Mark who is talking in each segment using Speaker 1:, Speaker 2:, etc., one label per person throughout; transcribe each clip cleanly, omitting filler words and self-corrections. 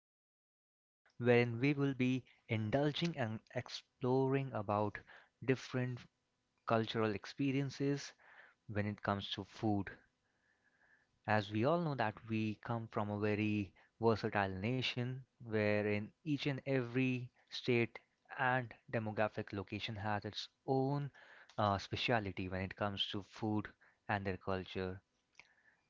Speaker 1: podcast, wherein we will be indulging and exploring about different cultural experiences when it comes to food. As we all know that we come from a very versatile nation, wherein each and every state and demographic location has its own speciality when it comes to food and their culture.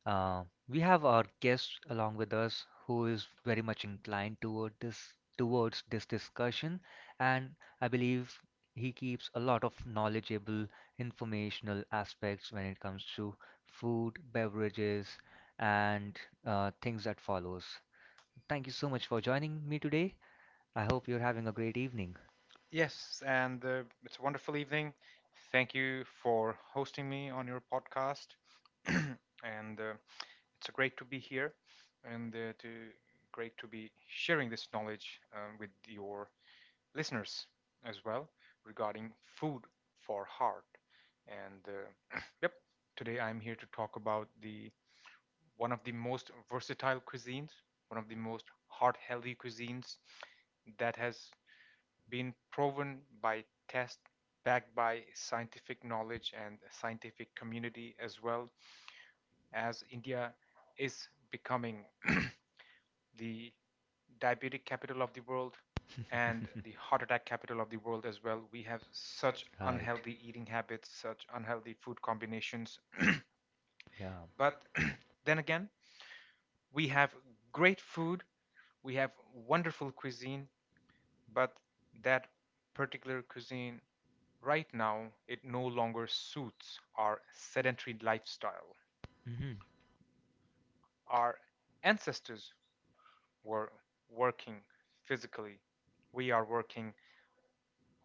Speaker 1: Uh, we have our guest along with us who is very much inclined towards this discussion, and I believe he keeps a lot of knowledgeable, informational aspects when it comes to food, beverages, and things that follows. Thank you so much for joining me today. I hope you're having a great evening.
Speaker 2: Yes, and it's a wonderful evening. Thank you for hosting me on your podcast. and it's great to be here and to great to be sharing this knowledge with your listeners as well regarding food for heart. And yep, today I'm here to talk about the one of the most versatile cuisines, one of the most heart-healthy cuisines that has been proven by tests backed by scientific knowledge and scientific community, as well as India is becoming the diabetic capital of the world and the heart attack capital of the world as well. We have such
Speaker 1: Right.
Speaker 2: unhealthy eating habits, such unhealthy food combinations.
Speaker 1: Yeah.
Speaker 2: But then again, we have great food, we have wonderful cuisine, but that particular cuisine right now, it no longer suits our sedentary lifestyle.
Speaker 1: Mm-hmm.
Speaker 2: Our ancestors were working physically. We are working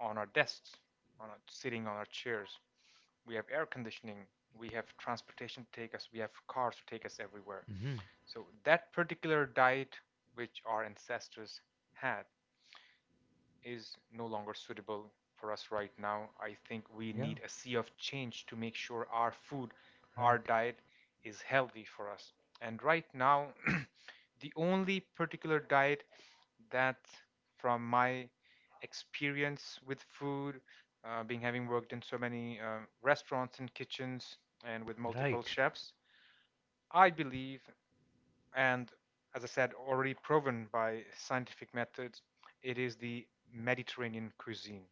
Speaker 2: on our desks, on our, sitting on our chairs. We have air conditioning. We have transportation to take us. We have cars to take us everywhere.
Speaker 1: Mm-hmm.
Speaker 2: So that particular diet which our ancestors had is no longer suitable for us right now. I think we
Speaker 1: Yeah.
Speaker 2: need a sea of change to make sure our food, our
Speaker 1: Right.
Speaker 2: diet is healthy for us. And right now, the only particular diet that, from my experience with food, being having worked in so many restaurants and kitchens and with multiple
Speaker 1: Right.
Speaker 2: chefs, I believe, and as I said, already proven by scientific methods, it is the Mediterranean cuisine.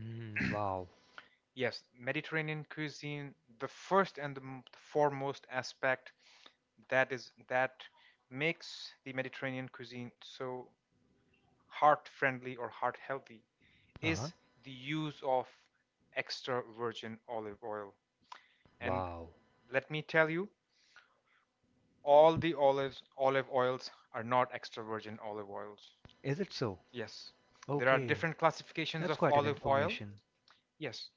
Speaker 1: Mm, wow.
Speaker 2: Yes, Mediterranean cuisine, the first and the foremost aspect that is that makes the Mediterranean cuisine so heart friendly or heart healthy is the use of extra virgin olive oil. And
Speaker 1: Wow.
Speaker 2: let me tell you, all the olives, olive oils are not extra virgin olive oils.
Speaker 1: Is it so?
Speaker 2: Yes, there are
Speaker 1: Okay.
Speaker 2: different classifications
Speaker 1: That's
Speaker 2: of
Speaker 1: quite an
Speaker 2: olive oil.
Speaker 1: information.
Speaker 2: Yes,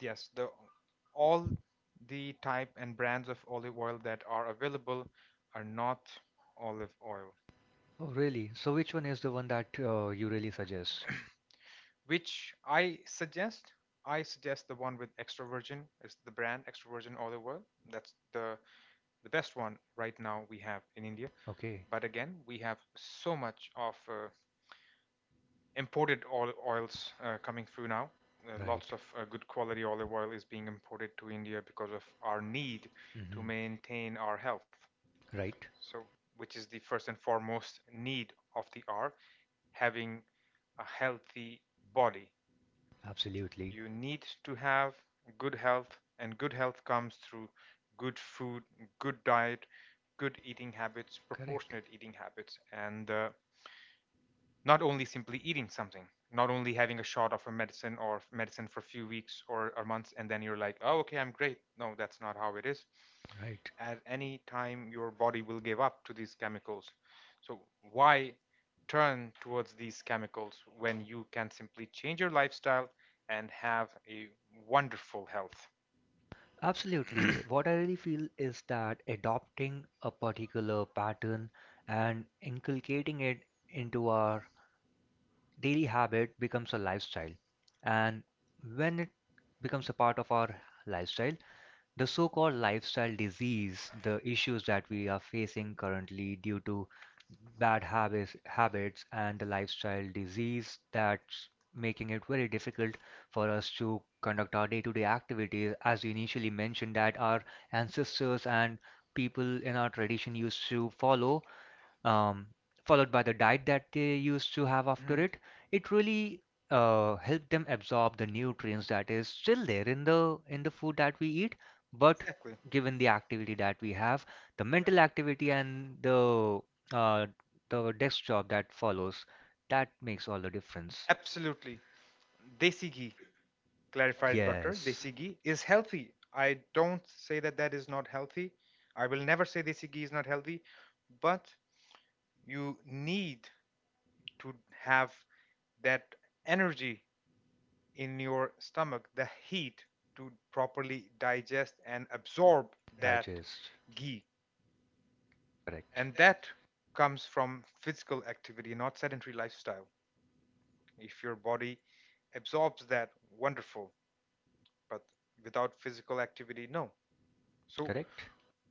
Speaker 2: Yes, the all the type and brands of olive oil that are available are not olive oil.
Speaker 1: Oh, really? So which one is the one that you really suggest?
Speaker 2: Which I suggest, I suggest the one with extra virgin is the brand extra virgin olive oil. That's the best one right now we have in India.
Speaker 1: Okay.
Speaker 2: But again, we have so much of imported oils coming through now.
Speaker 1: Right.
Speaker 2: Lots of good quality olive oil is being imported to India because of our need to
Speaker 1: Hmm.
Speaker 2: maintain our health.
Speaker 1: Right.
Speaker 2: So which is the first and foremost need of the art, having a healthy body,
Speaker 1: Absolutely.
Speaker 2: you need to have good health, and good health comes through good food, good diet, good eating habits,
Speaker 1: Correct.
Speaker 2: proportionate eating habits, and not only simply eating something, not only having a shot of a medicine or medicine for a few weeks or months, and then you're like, oh, okay, I'm great. No, that's not how it is.
Speaker 1: Right.
Speaker 2: At any time, your body will give up to these chemicals. So, why turn towards these chemicals when you can simply change your lifestyle and have a wonderful health?
Speaker 1: Absolutely. What I really feel is that adopting a particular pattern and inculcating it into our daily habit becomes a lifestyle. And when it becomes a part of our lifestyle, the so-called lifestyle disease, the issues that we are facing currently due to bad habits and the lifestyle disease that's making it very difficult for us to conduct our day-to-day activities. As you initially mentioned, that our ancestors and people in our tradition used to follow um, followed by the diet that they used to have after
Speaker 2: Mhm.
Speaker 1: it, it really helped them absorb the nutrients that is still there in the food that we eat, but
Speaker 2: Exactly.
Speaker 1: given the activity that we have, the mental activity and uh, the desk job that follows, that makes all the difference.
Speaker 2: Absolutely. Desi ghee, clarified butter,
Speaker 1: Yes,
Speaker 2: desi ghee, is healthy. I don't say that that is not healthy. I will never say desi ghee is not healthy, but you need to have that energy in your stomach, the heat to properly digest and absorb that
Speaker 1: digest.
Speaker 2: ghee.
Speaker 1: Correct.
Speaker 2: And that comes from physical activity, not sedentary lifestyle. If your body absorbs that, wonderful, but without physical activity, no. So
Speaker 1: Correct.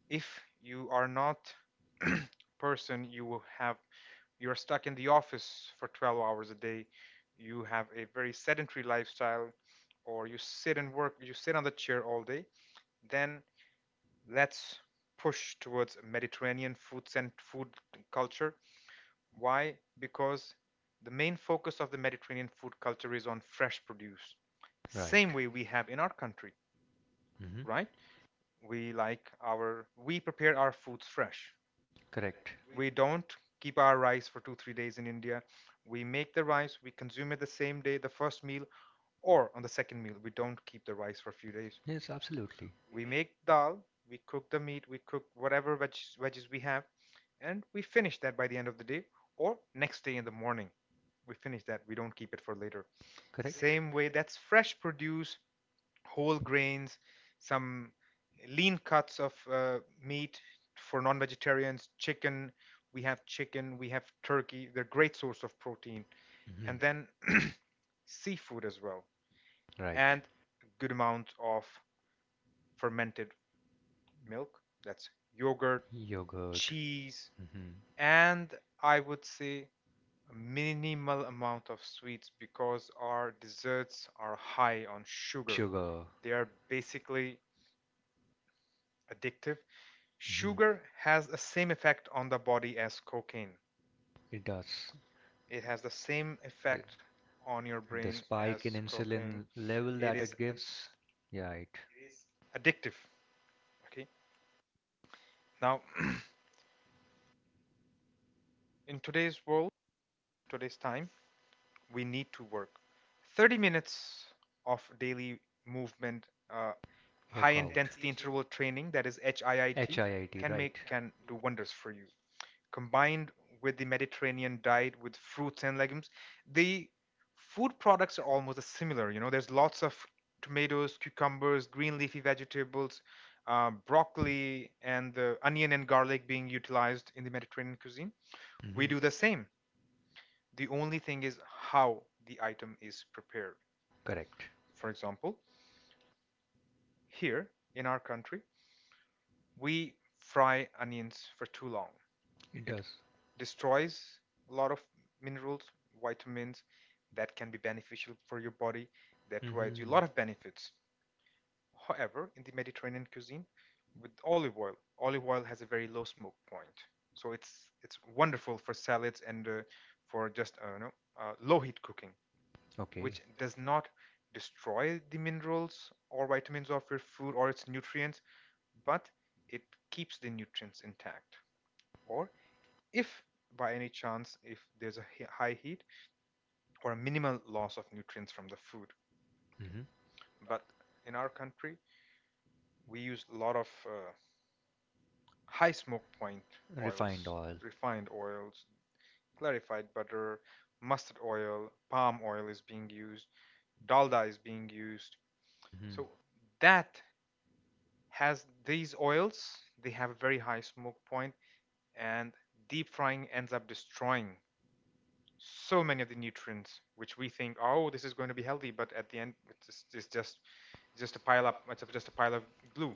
Speaker 2: if you are not person, you will have, you're stuck in the office for 12 hours a day, you have a very sedentary lifestyle, or you sit and work, you sit on the chair all day, then let's push towards Mediterranean food and food culture. Why? Because the main focus of the Mediterranean food culture is on fresh produce. Same
Speaker 1: Right.
Speaker 2: way we have in our country,
Speaker 1: Hmm.
Speaker 2: right? We like our, we prepare our foods fresh.
Speaker 1: Correct.
Speaker 2: We don't keep our rice for two, 3 days in India. We make the rice, we consume it the same day, the first meal, or on the second meal. We don't keep the rice for a few days.
Speaker 1: Yes, absolutely.
Speaker 2: We make dal, we cook the meat, we cook whatever veggies we have, and we finish that by the end of the day or next day in the morning. We finish that, we don't keep it for later.
Speaker 1: Correct.
Speaker 2: Same way, that's fresh produce, whole grains, some lean cuts of meat for non vegetarians, chicken. We have chicken, we have turkey. They're great source of protein.
Speaker 1: Hmm.
Speaker 2: And then seafood as well,
Speaker 1: Right.
Speaker 2: and a good amount of fermented milk. That's yogurt,
Speaker 1: Yogurt.
Speaker 2: cheese,
Speaker 1: Hmm.
Speaker 2: and I would say a minimal amount of sweets because our desserts are high on sugar.
Speaker 1: Sugar.
Speaker 2: They are basically addictive.
Speaker 1: Hmm.
Speaker 2: Sugar has the same effect on the body as cocaine.
Speaker 1: It does.
Speaker 2: It has the same
Speaker 1: The,
Speaker 2: effect on your
Speaker 1: the
Speaker 2: brain
Speaker 1: spike in
Speaker 2: as cocaine.
Speaker 1: insulin level
Speaker 2: It
Speaker 1: that
Speaker 2: is
Speaker 1: it
Speaker 2: ad-
Speaker 1: gives, yeah, it
Speaker 2: addictive. Okay. Now, in today's world, today's time, we need to work. 30 minutes of daily movement, uh, high
Speaker 1: work out.
Speaker 2: intensity interval training, that is HIIT,
Speaker 1: HIIT, right?
Speaker 2: can do wonders for you. Combined with the Mediterranean diet with fruits and legumes, the food products are almost similar. You know, there's lots of tomatoes, cucumbers, green leafy vegetables, broccoli, and the onion and garlic being utilized in the Mediterranean cuisine. We do the
Speaker 1: Hmm.
Speaker 2: same. The only thing is how the item is prepared.
Speaker 1: Correct.
Speaker 2: For example, here in our country, we fry onions for too long.
Speaker 1: It
Speaker 2: It
Speaker 1: does.
Speaker 2: destroys a lot of minerals, vitamins that can be beneficial for your body, that provides you a
Speaker 1: Hmm.
Speaker 2: lot of benefits. However, in the Mediterranean cuisine, with olive oil has a very low smoke point, so it's wonderful for salads and for just you know, low heat cooking,
Speaker 1: Okay.
Speaker 2: which does not destroy the minerals or vitamins of your food or its nutrients, but it keeps the nutrients intact, or if by any chance if there's a high heat or a minimal loss of nutrients from the food.
Speaker 1: Hmm.
Speaker 2: But in our country, we use a lot of high smoke point
Speaker 1: Refined
Speaker 2: oils,
Speaker 1: oil.
Speaker 2: refined oils, clarified butter, mustard oil, palm oil is being used, dalda is being used.
Speaker 1: Hmm.
Speaker 2: So that has these oils, they have a very high smoke point, and deep frying ends up destroying so many of the nutrients, which we think, oh, this is going to be healthy, but at the end it's just a pile up, it's just a pile of glue,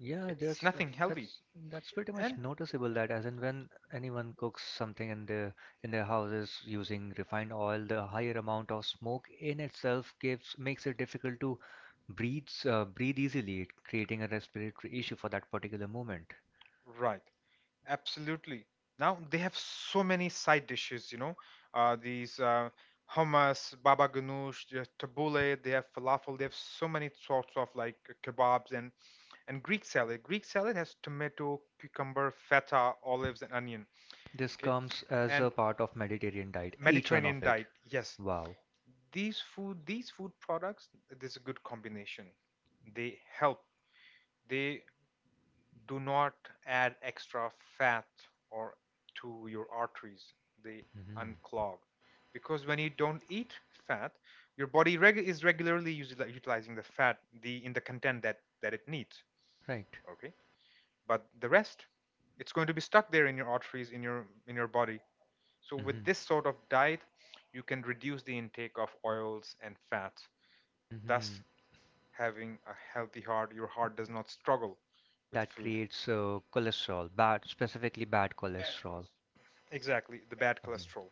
Speaker 1: Yeah,
Speaker 2: it's
Speaker 1: just
Speaker 2: nothing healthy
Speaker 1: that's that's pretty much
Speaker 2: and
Speaker 1: noticeable that as in when anyone cooks something in their houses using refined oil, the higher amount of smoke in itself gives makes it difficult to breathe easily, creating a respiratory issue for that particular moment.
Speaker 2: right, absolutely. Now they have so many side dishes, you know, these hummus, baba ganoush, they have tabbouleh, they have falafel, they have so many sorts of like kebabs and Greek salad. Greek salad has tomato, cucumber, feta, olives, and onion.
Speaker 1: This
Speaker 2: Okay,
Speaker 1: comes as a
Speaker 2: and
Speaker 1: part of Mediterranean diet, each one of
Speaker 2: Mediterranean
Speaker 1: it.
Speaker 2: diet, yes,
Speaker 1: Wow.
Speaker 2: these food products, this is a good combination, they help, they do not add extra fat or to your arteries, they
Speaker 1: Hmm.
Speaker 2: unclog, because when you don't eat fat, your body reg- is regularly like, utilizing the fat, the in the content that it needs,
Speaker 1: Right.
Speaker 2: okay, but the rest, it's going to be stuck there in your arteries, in your body. So, with
Speaker 1: Hmm.
Speaker 2: this sort of diet, you can reduce the intake of oils and fats, thus
Speaker 1: Hmm.
Speaker 2: having a healthy heart. Your heart does not struggle with
Speaker 1: That
Speaker 2: food.
Speaker 1: creates cholesterol, bad, specifically bad cholesterol.
Speaker 2: Exactly, the bad
Speaker 1: Mhm.
Speaker 2: cholesterol.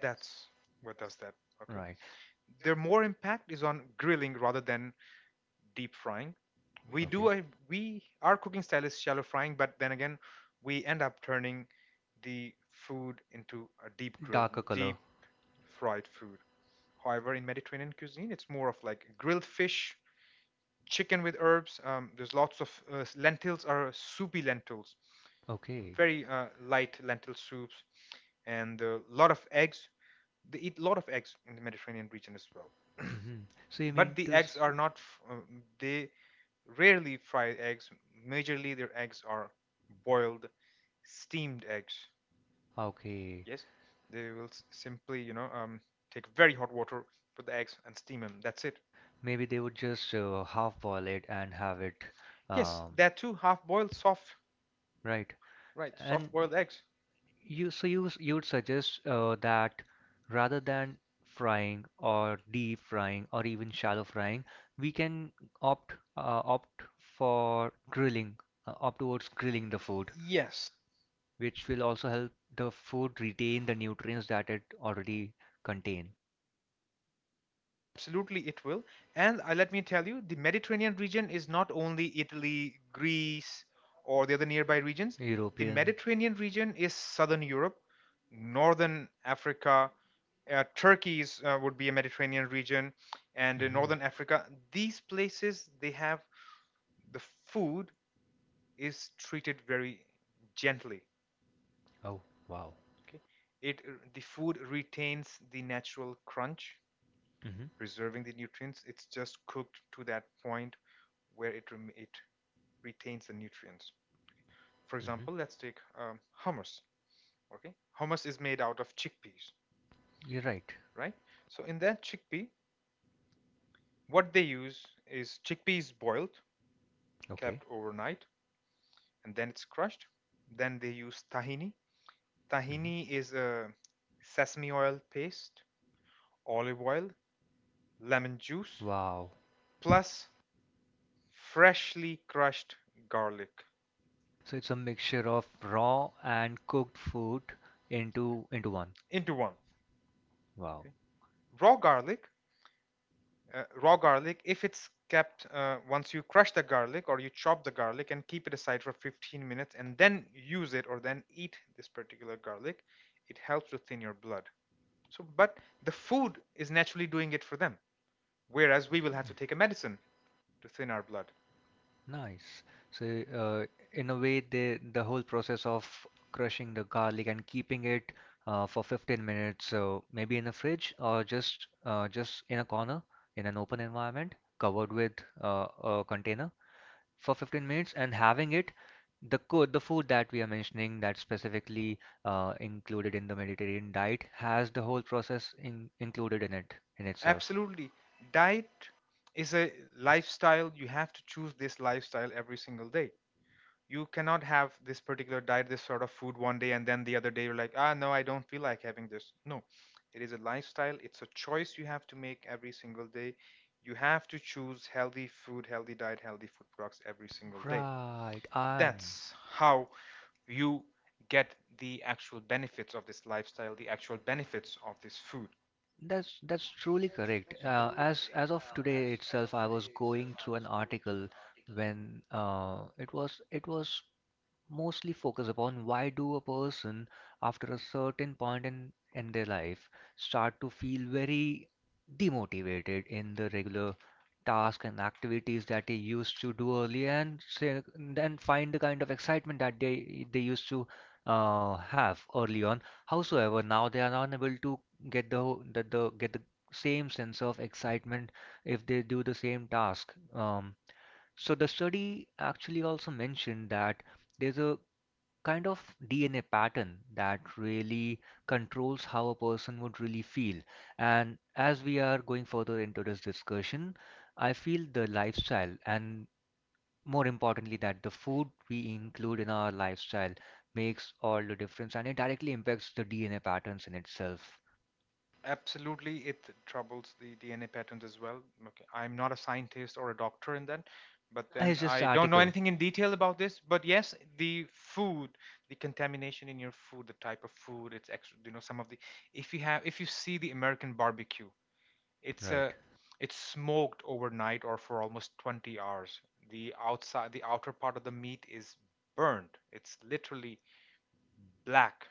Speaker 2: That's what does that. Okay.
Speaker 1: Right.
Speaker 2: Their more impact is on grilling rather than deep frying. We do a we, our cooking style is shallow frying, but then again, we end up turning the food into a deep grill,
Speaker 1: Darker color.
Speaker 2: deep fried food. However, in Mediterranean cuisine, it's more of like grilled fish, chicken with herbs. There's lots of lentils, are soupy lentils,
Speaker 1: Okay.
Speaker 2: very light lentil soups, and a lot of eggs. They eat a lot of eggs in the Mediterranean region as well.
Speaker 1: Hmm. So you
Speaker 2: But
Speaker 1: mean
Speaker 2: the
Speaker 1: to
Speaker 2: eggs
Speaker 1: s-.
Speaker 2: are not, they rarely fry eggs. Majorly, their eggs are boiled, steamed eggs.
Speaker 1: Okay.
Speaker 2: Yes, they will simply, you know, take very hot water, put the eggs, and steam them. That's it.
Speaker 1: Maybe they would just half boil it and have it
Speaker 2: Yes,
Speaker 1: um
Speaker 2: there are two half-boiled soft,
Speaker 1: right.
Speaker 2: right,
Speaker 1: And
Speaker 2: soft-boiled eggs.
Speaker 1: you so you s- you would suggest that rather than frying or deep frying or even shallow frying, we can opt for grilling, opt towards grilling the food.
Speaker 2: Yes,
Speaker 1: Which will also help the food retain the nutrients that it already contain.
Speaker 2: absolutely it will. And let me tell you, the Mediterranean region is not only Italy, Greece, or the other nearby regions. The
Speaker 1: European.
Speaker 2: Mediterranean region is southern Europe, northern Africa, Turkey's would be a Mediterranean region, and northern
Speaker 1: Mhm.
Speaker 2: Africa. These places, they have the food is treated very gently.
Speaker 1: Oh, wow.
Speaker 2: Okay. It the food retains the natural crunch,
Speaker 1: Hmm.
Speaker 2: preserving the nutrients. It's just cooked to that point where it retains the nutrients. For example, let's take hummus. Okay, hummus is made out of chickpeas,
Speaker 1: You're right.
Speaker 2: right? So in that chickpea, what they use is chickpeas boiled,
Speaker 1: Okay.
Speaker 2: kept overnight, and then it's crushed. Then they use tahini. Tahini
Speaker 1: Hmm.
Speaker 2: is a sesame oil paste, olive oil, lemon juice,
Speaker 1: Wow.
Speaker 2: plus freshly crushed garlic
Speaker 1: So it's a mixture of raw and cooked food into one.
Speaker 2: into one.
Speaker 1: Wow.
Speaker 2: Okay? Raw garlic, raw garlic, if it's kept once you crush the garlic or you chop the garlic and keep it aside for 15 minutes and then use it or then eat this particular garlic, it helps to thin your blood. So, but the food is naturally doing it for them, whereas we will have to take a medicine to thin our blood.
Speaker 1: Nice. So, in a way, they, the whole process of crushing the garlic and keeping it for 15 minutes, so maybe in the fridge or just in a corner in an open environment, covered with a container for 15 minutes, and having it the food that we are mentioning that's specifically included in, the Mediterranean diet has the whole process included in it in itself.
Speaker 2: Absolutely. Diet is a lifestyle. You have to choose this lifestyle every single day. You cannot have this particular diet, this sort of food one day, and then the other day you're like, ah, no, I don't feel like having this. No, it is a lifestyle, it's a choice you have to make every single day. You have to choose healthy food, healthy diet, healthy food products every single day.
Speaker 1: Right.
Speaker 2: That's how you get the actual benefits of this lifestyle, the actual benefits of this food.
Speaker 1: That's
Speaker 2: Okay.
Speaker 1: truly correct. As of today itself, I was going through an article when it was mostly focus upon why do a person after a certain point in their life start to feel very demotivated in the regular tasks and activities that they used to do earlier and say, then find the kind of excitement that they used to have early on howsoever now they are unable to get the get the same sense of excitement if they do the same task so the study actually also mentioned that there's a kind of DNA pattern that really controls how a person would really feel. And as we are going further into this discussion, I feel the lifestyle and more importantly that the food we include in our lifestyle makes all the difference and it directly impacts the DNA patterns in itself.
Speaker 2: Absolutely, it troubles the DNA patterns as well. Okay, I'm not a scientist or a doctor in that, but then
Speaker 1: It's just
Speaker 2: I don't know
Speaker 1: article,
Speaker 2: anything in detail about this. But yes, the food, the contamination in your food, the type of food, it's extra. You know, some of the if you see the American barbecue, it's
Speaker 1: right?
Speaker 2: a it's smoked overnight or for almost 20 hours. The outer part of the meat is burned. It's literally black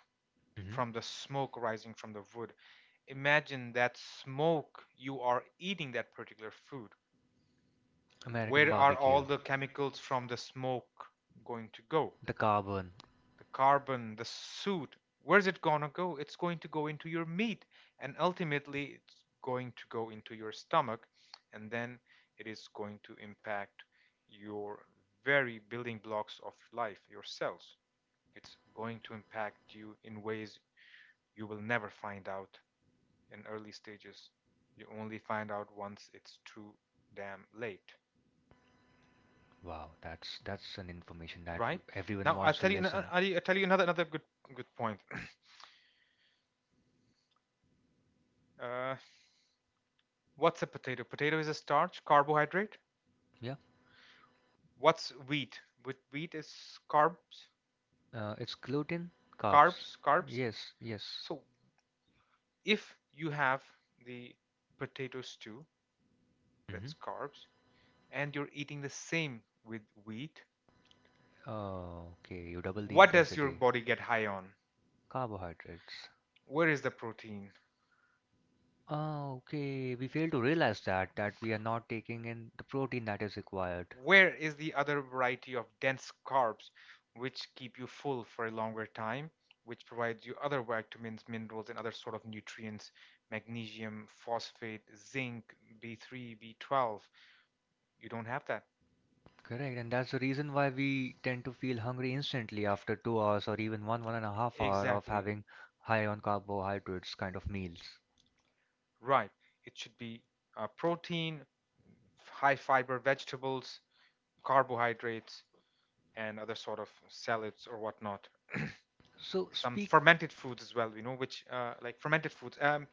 Speaker 1: Mhm.
Speaker 2: from the smoke rising from the wood. Imagine that smoke, you are eating that particular food.
Speaker 1: American
Speaker 2: Where are
Speaker 1: barbecue.
Speaker 2: all the chemicals from the smoke going to go?
Speaker 1: The carbon.
Speaker 2: The carbon, the soot, where's it gonna go? It's going to go into your meat, and ultimately, it's going to go into your stomach, and then it is going to impact your very building blocks of life, your cells. It's going to impact you in ways you will never find out in early stages. You only find out once it's too damn late,
Speaker 1: Wow, that's an information that
Speaker 2: right?
Speaker 1: everyone
Speaker 2: Now I'll
Speaker 1: wants to
Speaker 2: tell you.
Speaker 1: listen.
Speaker 2: I'll tell you another good point. Uh, what's a potato? Potato is a starch, carbohydrate.
Speaker 1: Yeah.
Speaker 2: What's wheat? With wheat is carbs,
Speaker 1: It's gluten, carbs. Carbs,
Speaker 2: carbs,
Speaker 1: carbs.
Speaker 2: carbs.
Speaker 1: Yes, yes.
Speaker 2: So if you have the potato stew, that's
Speaker 1: Hmm.
Speaker 2: carbs, and you're eating the same with wheat,
Speaker 1: Okay, you double the. What
Speaker 2: what
Speaker 1: does your
Speaker 2: does your
Speaker 1: intensity.
Speaker 2: body
Speaker 1: Body
Speaker 2: get
Speaker 1: get?
Speaker 2: high on?
Speaker 1: Carbohydrates.
Speaker 2: Where is the protein?
Speaker 1: Oh, okay. We fail to realize that that we are not taking in the protein that is required.
Speaker 2: Where is the other variety of dense carbs which keep you full for a longer time, which provides you other vitamins, minerals, and other sort of nutrients, magnesium, phosphate, zinc, B3, B12? You don't have that.
Speaker 1: Correct, and that's
Speaker 2: That's
Speaker 1: the
Speaker 2: the reason
Speaker 1: reason why
Speaker 2: why we
Speaker 1: we tend
Speaker 2: tend
Speaker 1: to
Speaker 2: to feel
Speaker 1: feel hungry
Speaker 2: hungry instantly
Speaker 1: instantly
Speaker 2: after
Speaker 1: after
Speaker 2: two
Speaker 1: two
Speaker 2: hours
Speaker 1: hours or
Speaker 2: or even
Speaker 1: even
Speaker 2: one
Speaker 1: one
Speaker 2: hour.
Speaker 1: and
Speaker 2: and a
Speaker 1: a
Speaker 2: half hour
Speaker 1: half
Speaker 2: of
Speaker 1: hour of
Speaker 2: Exactly. having.
Speaker 1: having high on carbohydrates kind of meals.
Speaker 2: Right. It should be protein, high fiber vegetables, carbohydrates, and other sort of salads or whatnot.
Speaker 1: So Some
Speaker 2: Some
Speaker 1: speak fermented
Speaker 2: fermented foods
Speaker 1: food,
Speaker 2: as well, you know, which like fermented foods,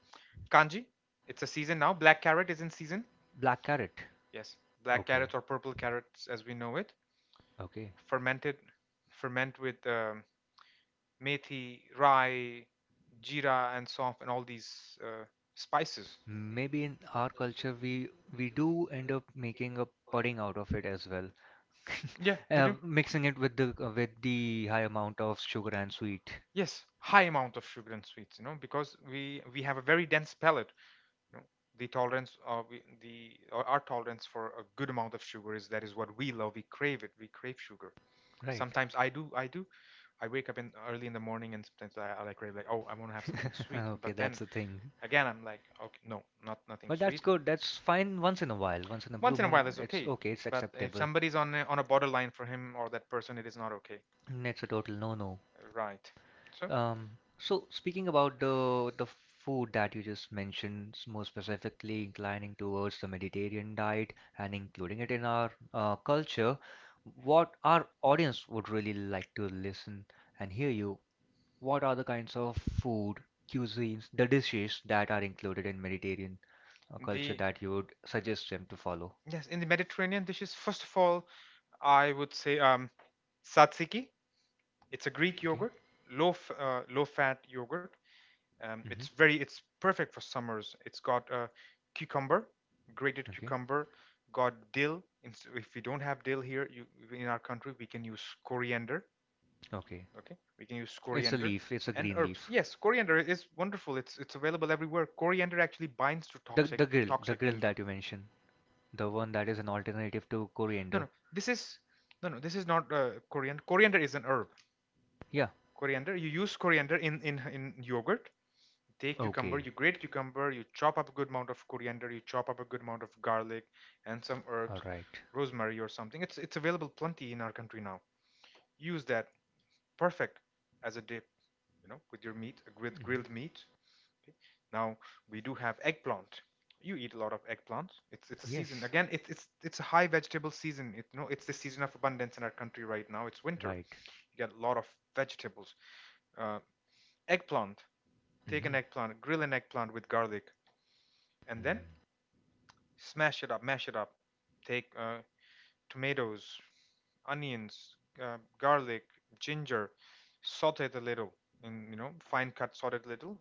Speaker 2: kanji. It's a season now, black carrot is in season.
Speaker 1: black carrot.
Speaker 2: Yes,
Speaker 1: Black.
Speaker 2: black
Speaker 1: Okay.
Speaker 2: carrots
Speaker 1: Carrot
Speaker 2: or
Speaker 1: or
Speaker 2: purple
Speaker 1: purple carrot.
Speaker 2: carrots as we know it.
Speaker 1: Okay.
Speaker 2: Fermented, ferment with methi, rye, jeera, and soft and all these spices.
Speaker 1: Maybe
Speaker 2: Maybe in
Speaker 1: in
Speaker 2: our
Speaker 1: our
Speaker 2: culture,
Speaker 1: culture
Speaker 2: we
Speaker 1: we we
Speaker 2: do
Speaker 1: do
Speaker 2: end
Speaker 1: end
Speaker 2: up
Speaker 1: up
Speaker 2: making
Speaker 1: making
Speaker 2: a
Speaker 1: a
Speaker 2: pudding
Speaker 1: pudding
Speaker 2: out
Speaker 1: out
Speaker 2: of
Speaker 1: of
Speaker 2: it
Speaker 1: it
Speaker 2: as
Speaker 1: as
Speaker 2: well.
Speaker 1: well,
Speaker 2: Yeah, they And do I'm mixing
Speaker 1: mixing
Speaker 2: it
Speaker 1: it with
Speaker 2: with the
Speaker 1: the with the high amount of
Speaker 2: sugar.
Speaker 1: sugar and sweet,
Speaker 2: Yes, high amount of sugar and sweets, you know, because we have a very dense palate, you know, the tolerance of the or our tolerance for a good amount of sugar is that is what we love, we crave it, we crave sugar.
Speaker 1: right?
Speaker 2: Sometimes I wake up in early in the morning and sometimes I like crave like, oh, I want to have something sweet,
Speaker 1: Okay,
Speaker 2: but then
Speaker 1: that's the thing.
Speaker 2: again I'm like, okay, no, not nothing
Speaker 1: But that's
Speaker 2: sweet.
Speaker 1: good. That's fine once in a while. Once in a blue
Speaker 2: Once in a
Speaker 1: moon,
Speaker 2: while is
Speaker 1: it's
Speaker 2: okay,
Speaker 1: okay. It's
Speaker 2: but if
Speaker 1: acceptable.
Speaker 2: somebody's on on a borderline for him or that person, it is not okay,
Speaker 1: Mm. It's a total no-no.
Speaker 2: right? so
Speaker 1: Um, so speaking about the food that you just mentioned, s- more specifically inclining towards the Mediterranean diet and including it in our culture, what our audience would really like to listen and hear you, what are the kinds of food, cuisines, the dishes that are included in Mediterranean culture
Speaker 2: the
Speaker 1: that you would suggest them to follow?
Speaker 2: yes in the Mediterranean dishes, first of all, I would say tzatziki. It's a Greek
Speaker 1: Okay.
Speaker 2: yogurt, low fat yogurt. It's
Speaker 1: Hmm.
Speaker 2: very it's perfect for summers. It's got cucumber, grated
Speaker 1: Okay.
Speaker 2: cucumber, got dill. If we don't have dill here, you, in our country, we can use coriander.
Speaker 1: Okay.
Speaker 2: Okay, we can use
Speaker 1: It's a
Speaker 2: coriander
Speaker 1: leaf. It's a
Speaker 2: and
Speaker 1: green
Speaker 2: herbs.
Speaker 1: leaf.
Speaker 2: Yes, coriander is wonderful. It's available everywhere. Coriander actually binds to
Speaker 1: The the grill, the
Speaker 2: toxic
Speaker 1: grill
Speaker 2: mineral.
Speaker 1: that you mentioned. The one that is an alternative to
Speaker 2: No,
Speaker 1: coriander.
Speaker 2: no. This is no, no. This is not coriander. Coriander is an herb.
Speaker 1: Yeah.
Speaker 2: Coriander. You use coriander in yogurt. Take cucumber.
Speaker 1: Okay.
Speaker 2: You grate cucumber. You chop up a good amount of coriander. You chop up a good amount of garlic and some
Speaker 1: All
Speaker 2: herbs,
Speaker 1: right.
Speaker 2: okay, rosemary or something. It's available plenty in our country now. Use that. Perfect as a dip. You know, with your meat, with
Speaker 1: Mhm.
Speaker 2: grilled meat. Okay. Now we do have eggplant. You eat a lot of eggplant. It's a
Speaker 1: Yes.
Speaker 2: season again. It's a high vegetable season. It, you know, it's the season of abundance in our country right now. It's winter.
Speaker 1: Right.
Speaker 2: You get a lot of vegetables. Uh, eggplant. Take an
Speaker 1: Mhm.
Speaker 2: eggplant, grill an eggplant with garlic, and then
Speaker 1: Mm.
Speaker 2: smash it up, mash it up. Take tomatoes, onions, garlic, ginger, saute it a little and, you know, fine cut, sauteed little,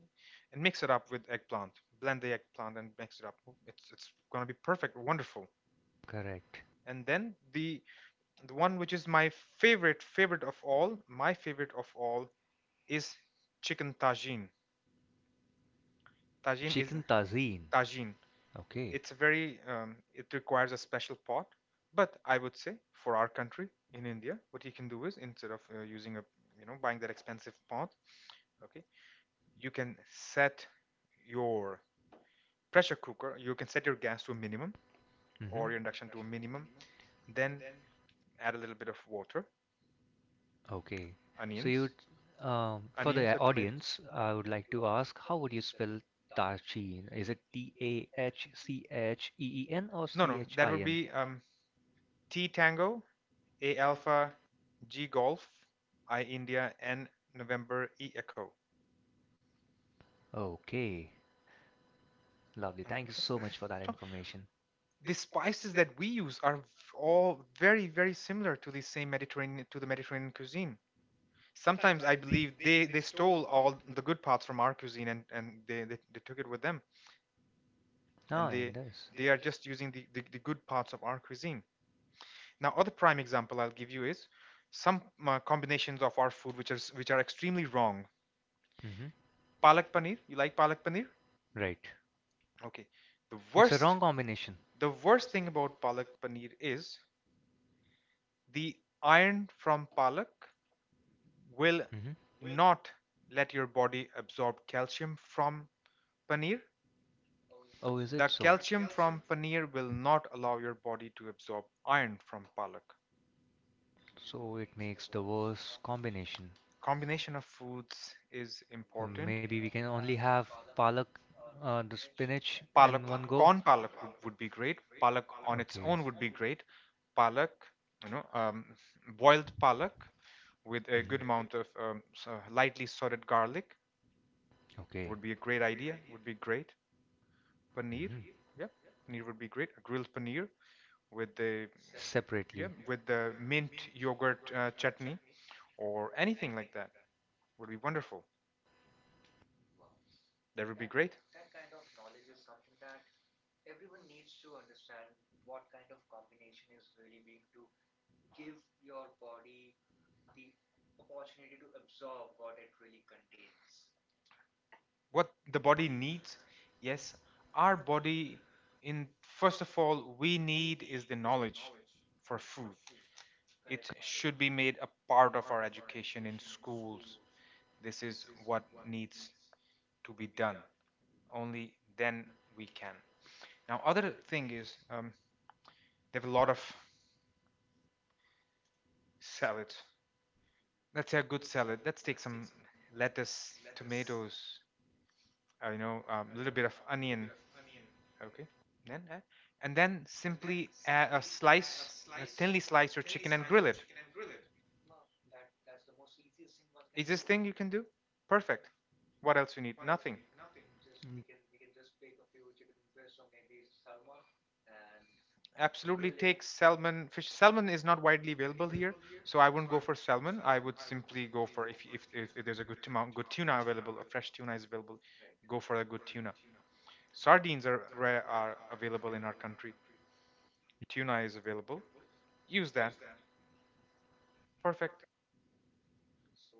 Speaker 2: and mix it up with eggplant. Blend the eggplant and mix it up. It's gonna be perfect, wonderful.
Speaker 1: Correct.
Speaker 2: And then the one which is my favorite, my favorite of all is chicken tagine. Tagine is
Speaker 1: Chicken tagine.
Speaker 2: tagine.
Speaker 1: Okay.
Speaker 2: It's a very it requires a special pot, but I would say for our country in India what you can do is instead of using a, you know, buying that expensive pot, okay, you can set your pressure cooker, you can set your gas to a minimum or your
Speaker 1: Mhm.
Speaker 2: induction to a minimum, then add a little bit of water,
Speaker 1: Okay. So
Speaker 2: onions,
Speaker 1: you, for
Speaker 2: onions
Speaker 1: the
Speaker 2: or tomatoes.
Speaker 1: audience, I would like to ask, how would you spell tagine? Is it Tahcheen or
Speaker 2: No, no,
Speaker 1: C H
Speaker 2: that
Speaker 1: I
Speaker 2: would
Speaker 1: N?
Speaker 2: be T Tango, A Alpha, G Golf, I India, N November, E Echo.
Speaker 1: Okay. Lovely. Thank you so
Speaker 2: Okay.
Speaker 1: much for that
Speaker 2: So
Speaker 1: information.
Speaker 2: the spices that we use are all very, very similar to the Mediterranean cuisine. Sometimes I believe they stole all the good parts from our cuisine, and, they took it with them.
Speaker 1: Oh,
Speaker 2: And
Speaker 1: it
Speaker 2: they
Speaker 1: does.
Speaker 2: they are just using the good parts of our cuisine. Now, other prime example I'll give you is some combinations of our food which are extremely wrong.
Speaker 1: Mm-hmm.
Speaker 2: Palak paneer. You like palak paneer?
Speaker 1: Right.
Speaker 2: Okay. The
Speaker 1: It's a
Speaker 2: worst,
Speaker 1: wrong combination.
Speaker 2: the worst thing about palak paneer is the iron from palak
Speaker 1: Mm-hmm.
Speaker 2: will not let your body absorb calcium from paneer.
Speaker 1: Oh, is it
Speaker 2: The
Speaker 1: so?
Speaker 2: calcium from paneer will not allow your body to absorb iron from palak.
Speaker 1: So it makes the worst combination.
Speaker 2: Combination of foods is important.
Speaker 1: Maybe we can only have palak, the spinach in
Speaker 2: Palak,
Speaker 1: one go.
Speaker 2: corn palak would be great.
Speaker 1: Would.
Speaker 2: Palak on its
Speaker 1: Okay.
Speaker 2: own would be great. Palak, you know, boiled palak with a good
Speaker 1: Mm-hmm.
Speaker 2: amount of so lightly sorted garlic would
Speaker 1: Okay.
Speaker 2: be a great idea. Would be great. Paneer,
Speaker 1: Mm-hmm.
Speaker 2: yeah, paneer would be great. A grilled paneer with the, yeah,
Speaker 1: Separately.
Speaker 2: with the mint yogurt chutney or anything like that would be wonderful. That would be great. What the body needs, yes, our body, in first of all we need is the knowledge for food. It should be made a part of our education in schools. This is what needs to be done. Only then we can. Now, other thing is, they have a lot of salads. Let's say a good salad. Let's take some lettuce, tomatoes, you know, a little bit of onion. Okay. Then add, and then simply add a slice, thinly slice your chicken and grill it. Easiest thing you can do. Perfect. What else you need? Nothing.
Speaker 1: Mm.
Speaker 2: Absolutely take salmon. Fish salmon is not widely available here, so I wouldn't go for salmon. I would simply go for if there's a good tuna available, a fresh tuna is available. Go for a good tuna. Sardines are rare, are available in our country. Tuna is available. Use that. Perfect.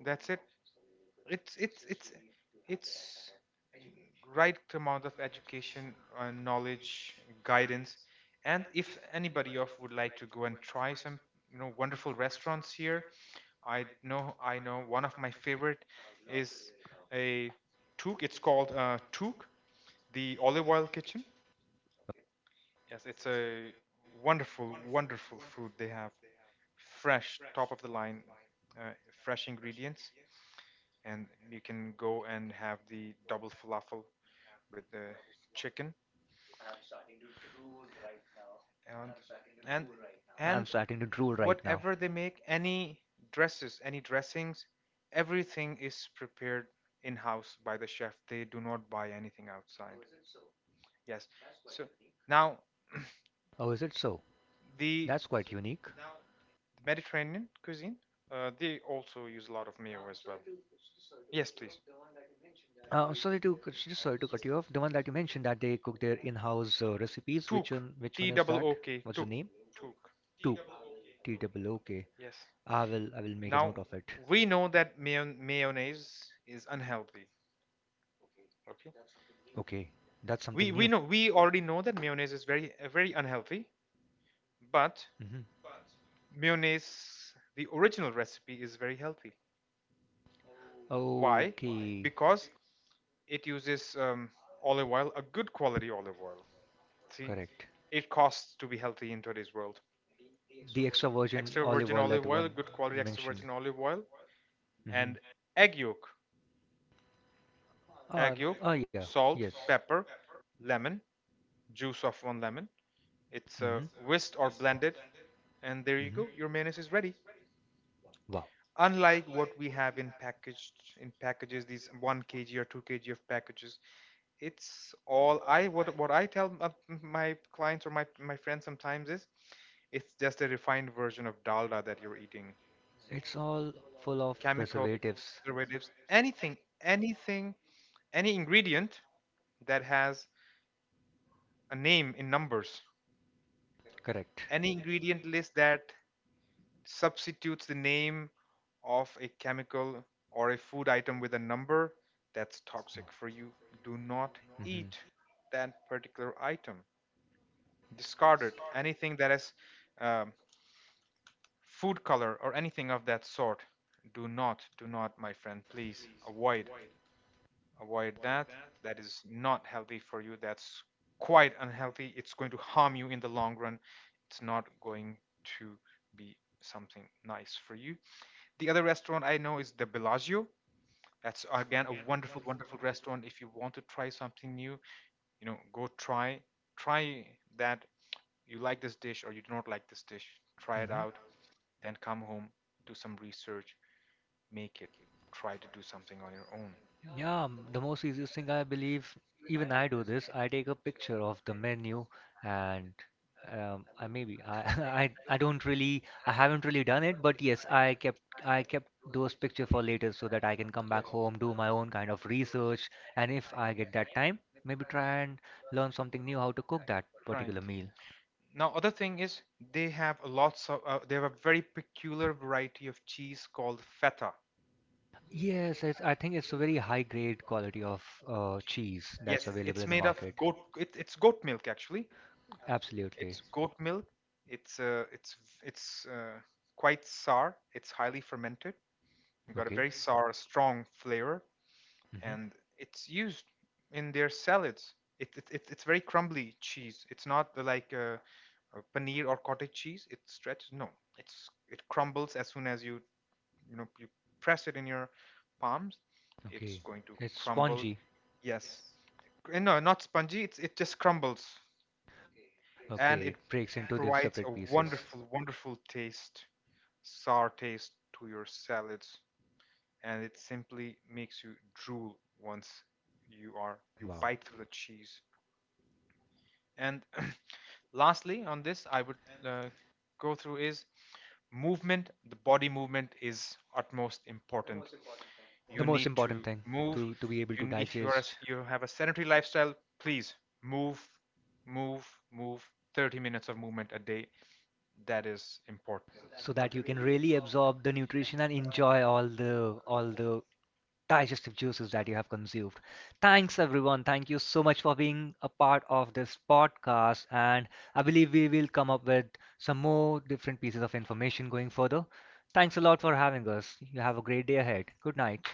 Speaker 2: That's it. It's it's it's it's right amount of education and knowledge, guidance, and if anybody of would like to go and try some, you know, wonderful restaurants here, I know, one of my favorite is a Took. It's called Took, the olive oil kitchen. Yes, it's a wonderful, wonderful food they have. Fresh, top of the line, uh, fresh ingredients, and you can go and have the double falafel with the chicken, and
Speaker 1: I'm starting
Speaker 2: and
Speaker 1: to drool right
Speaker 2: and
Speaker 1: now.
Speaker 2: whatever they make, any dresses any dressings, everything is prepared in house by the chef. They do not buy anything outside. Oh, is it
Speaker 1: Oh, is
Speaker 2: so?
Speaker 1: it so?
Speaker 2: Yes.
Speaker 1: That's
Speaker 2: So
Speaker 1: quite so unique.
Speaker 2: now the Mediterranean cuisine, they also use a lot of mayo as
Speaker 1: Uh,
Speaker 2: well.
Speaker 1: sorry to just sorry
Speaker 2: Yes,
Speaker 1: to
Speaker 2: please.
Speaker 1: cut you off. The one that you mentioned that they cook their in-house recipes. Which one? Which one is that? What's the name?
Speaker 2: Took. T double
Speaker 1: Two.
Speaker 2: O K. Took.
Speaker 1: T double.
Speaker 2: Took.
Speaker 1: Okay. I will make a note of
Speaker 2: Yes.
Speaker 1: it.
Speaker 2: Now we know that mayonnaise is unhealthy.
Speaker 1: Okay,
Speaker 2: Okay.
Speaker 1: that's something new.
Speaker 2: We know we already know that mayonnaise is very very unhealthy,
Speaker 1: Hmm.
Speaker 2: but mayonnaise the original recipe is very healthy. Why?
Speaker 1: Okay,
Speaker 2: Because it uses olive oil, a good quality olive oil. See,
Speaker 1: correct.
Speaker 2: it costs to be healthy in today's world. The Extra
Speaker 1: The extra
Speaker 2: virgin
Speaker 1: virgin
Speaker 2: Extra olive
Speaker 1: olive
Speaker 2: virgin
Speaker 1: oil that
Speaker 2: olive oil,
Speaker 1: one
Speaker 2: good quality extra
Speaker 1: mentioned.
Speaker 2: virgin olive oil,
Speaker 1: Mm-hmm.
Speaker 2: and egg yolk,
Speaker 1: Uh,
Speaker 2: egg yolk,
Speaker 1: oh yeah, yes.
Speaker 2: salt, pepper, lemon, juice of one lemon. It's whisked or blended, and there
Speaker 1: Mm-hmm.
Speaker 2: you
Speaker 1: Mm-hmm.
Speaker 2: go. Your mayonnaise is ready.
Speaker 1: Wow.
Speaker 2: Unlike what we have in packaged, in packages, these one kg or two kg of packages, it's all I what I tell my clients or my friends sometimes is it's just a refined version of dalda that you're eating.
Speaker 1: It's all full of
Speaker 2: Chemicals,
Speaker 1: preservatives.
Speaker 2: preservatives, anything, anything, any ingredient that has a name in numbers,
Speaker 1: Correct.
Speaker 2: any ingredient list that substitutes the name of a chemical or a food item with a number, that's toxic for you. Do not
Speaker 1: Hmm.
Speaker 2: eat that particular item. Discarded anything that has um, food color or anything of that sort. Do not, my friend, please avoid, that that is not healthy for you. That's quite unhealthy, it's going to harm you in the long run. It's not going to be something nice for you. The other restaurant I know is the Bellagio. That's again a wonderful, wonderful restaurant. If you want to try something new, you know, go try, try that. You like this dish or you do not like this dish. Try it
Speaker 1: Hmm.
Speaker 2: out, then come home, do some research, make it. Try to do something on your own.
Speaker 1: Yeah, the most easiest thing I believe, even I do this, I take a picture of the menu and I maybe I, I don't really I haven't really done it, but yes, I kept those picture for later so that I can come back
Speaker 2: Yes.
Speaker 1: home, do my own kind of research, and if I get that time, maybe try and learn something new how to cook that particular
Speaker 2: Right.
Speaker 1: meal.
Speaker 2: Now, other thing is they have a lots of they have a very peculiar variety of cheese called feta.
Speaker 1: Yes, it's, I think it's a very high grade quality of cheese that's
Speaker 2: Yes,
Speaker 1: available
Speaker 2: it's
Speaker 1: in the
Speaker 2: made of
Speaker 1: market.
Speaker 2: goat. It's goat milk actually.
Speaker 1: Absolutely.
Speaker 2: It's goat milk. It's uh, it's it's quite sour. It's highly fermented. You've got a
Speaker 1: Okay.
Speaker 2: very sour, strong flavor.
Speaker 1: Hmm.
Speaker 2: And it's used in their salads. It it's very crumbly cheese. It's not the like a paneer or cottage cheese. It stretches. No, it crumbles as soon as you, you know, you press it in your palms. It's
Speaker 1: Okay.
Speaker 2: going to
Speaker 1: It's
Speaker 2: crumble.
Speaker 1: spongy.
Speaker 2: Yes. No, not spongy. It's it just crumbles,
Speaker 1: Okay, it breaks
Speaker 2: and it
Speaker 1: into the separate
Speaker 2: provides a
Speaker 1: pieces.
Speaker 2: wonderful, wonderful taste, sour taste to your salads, and it
Speaker 1: Wow.
Speaker 2: simply makes you drool once you bite through the cheese. And lastly, on this, I would uh, go through is movement. The body movement is utmost important.
Speaker 1: The
Speaker 2: Most
Speaker 1: most
Speaker 2: important.
Speaker 1: important thing
Speaker 2: You need
Speaker 1: to
Speaker 2: to
Speaker 1: to be able to
Speaker 2: move.
Speaker 1: digest
Speaker 2: You if you are a s you have a sedentary lifestyle, please move, move, move. 30 minutes of movement a day. That is important. So that
Speaker 1: so
Speaker 2: you
Speaker 1: that you
Speaker 2: okay.
Speaker 1: can
Speaker 2: Really
Speaker 1: really
Speaker 2: absorb
Speaker 1: absorb the
Speaker 2: and
Speaker 1: nutrition and
Speaker 2: enjoy
Speaker 1: enjoy all the all
Speaker 2: all
Speaker 1: the digestive juices that you have consumed. Thanks, everyone. Thank you so much for being a part of this podcast. And I believe we will come up with some more different pieces of information going further. Thanks a lot for having us. You have a great day ahead. Good night.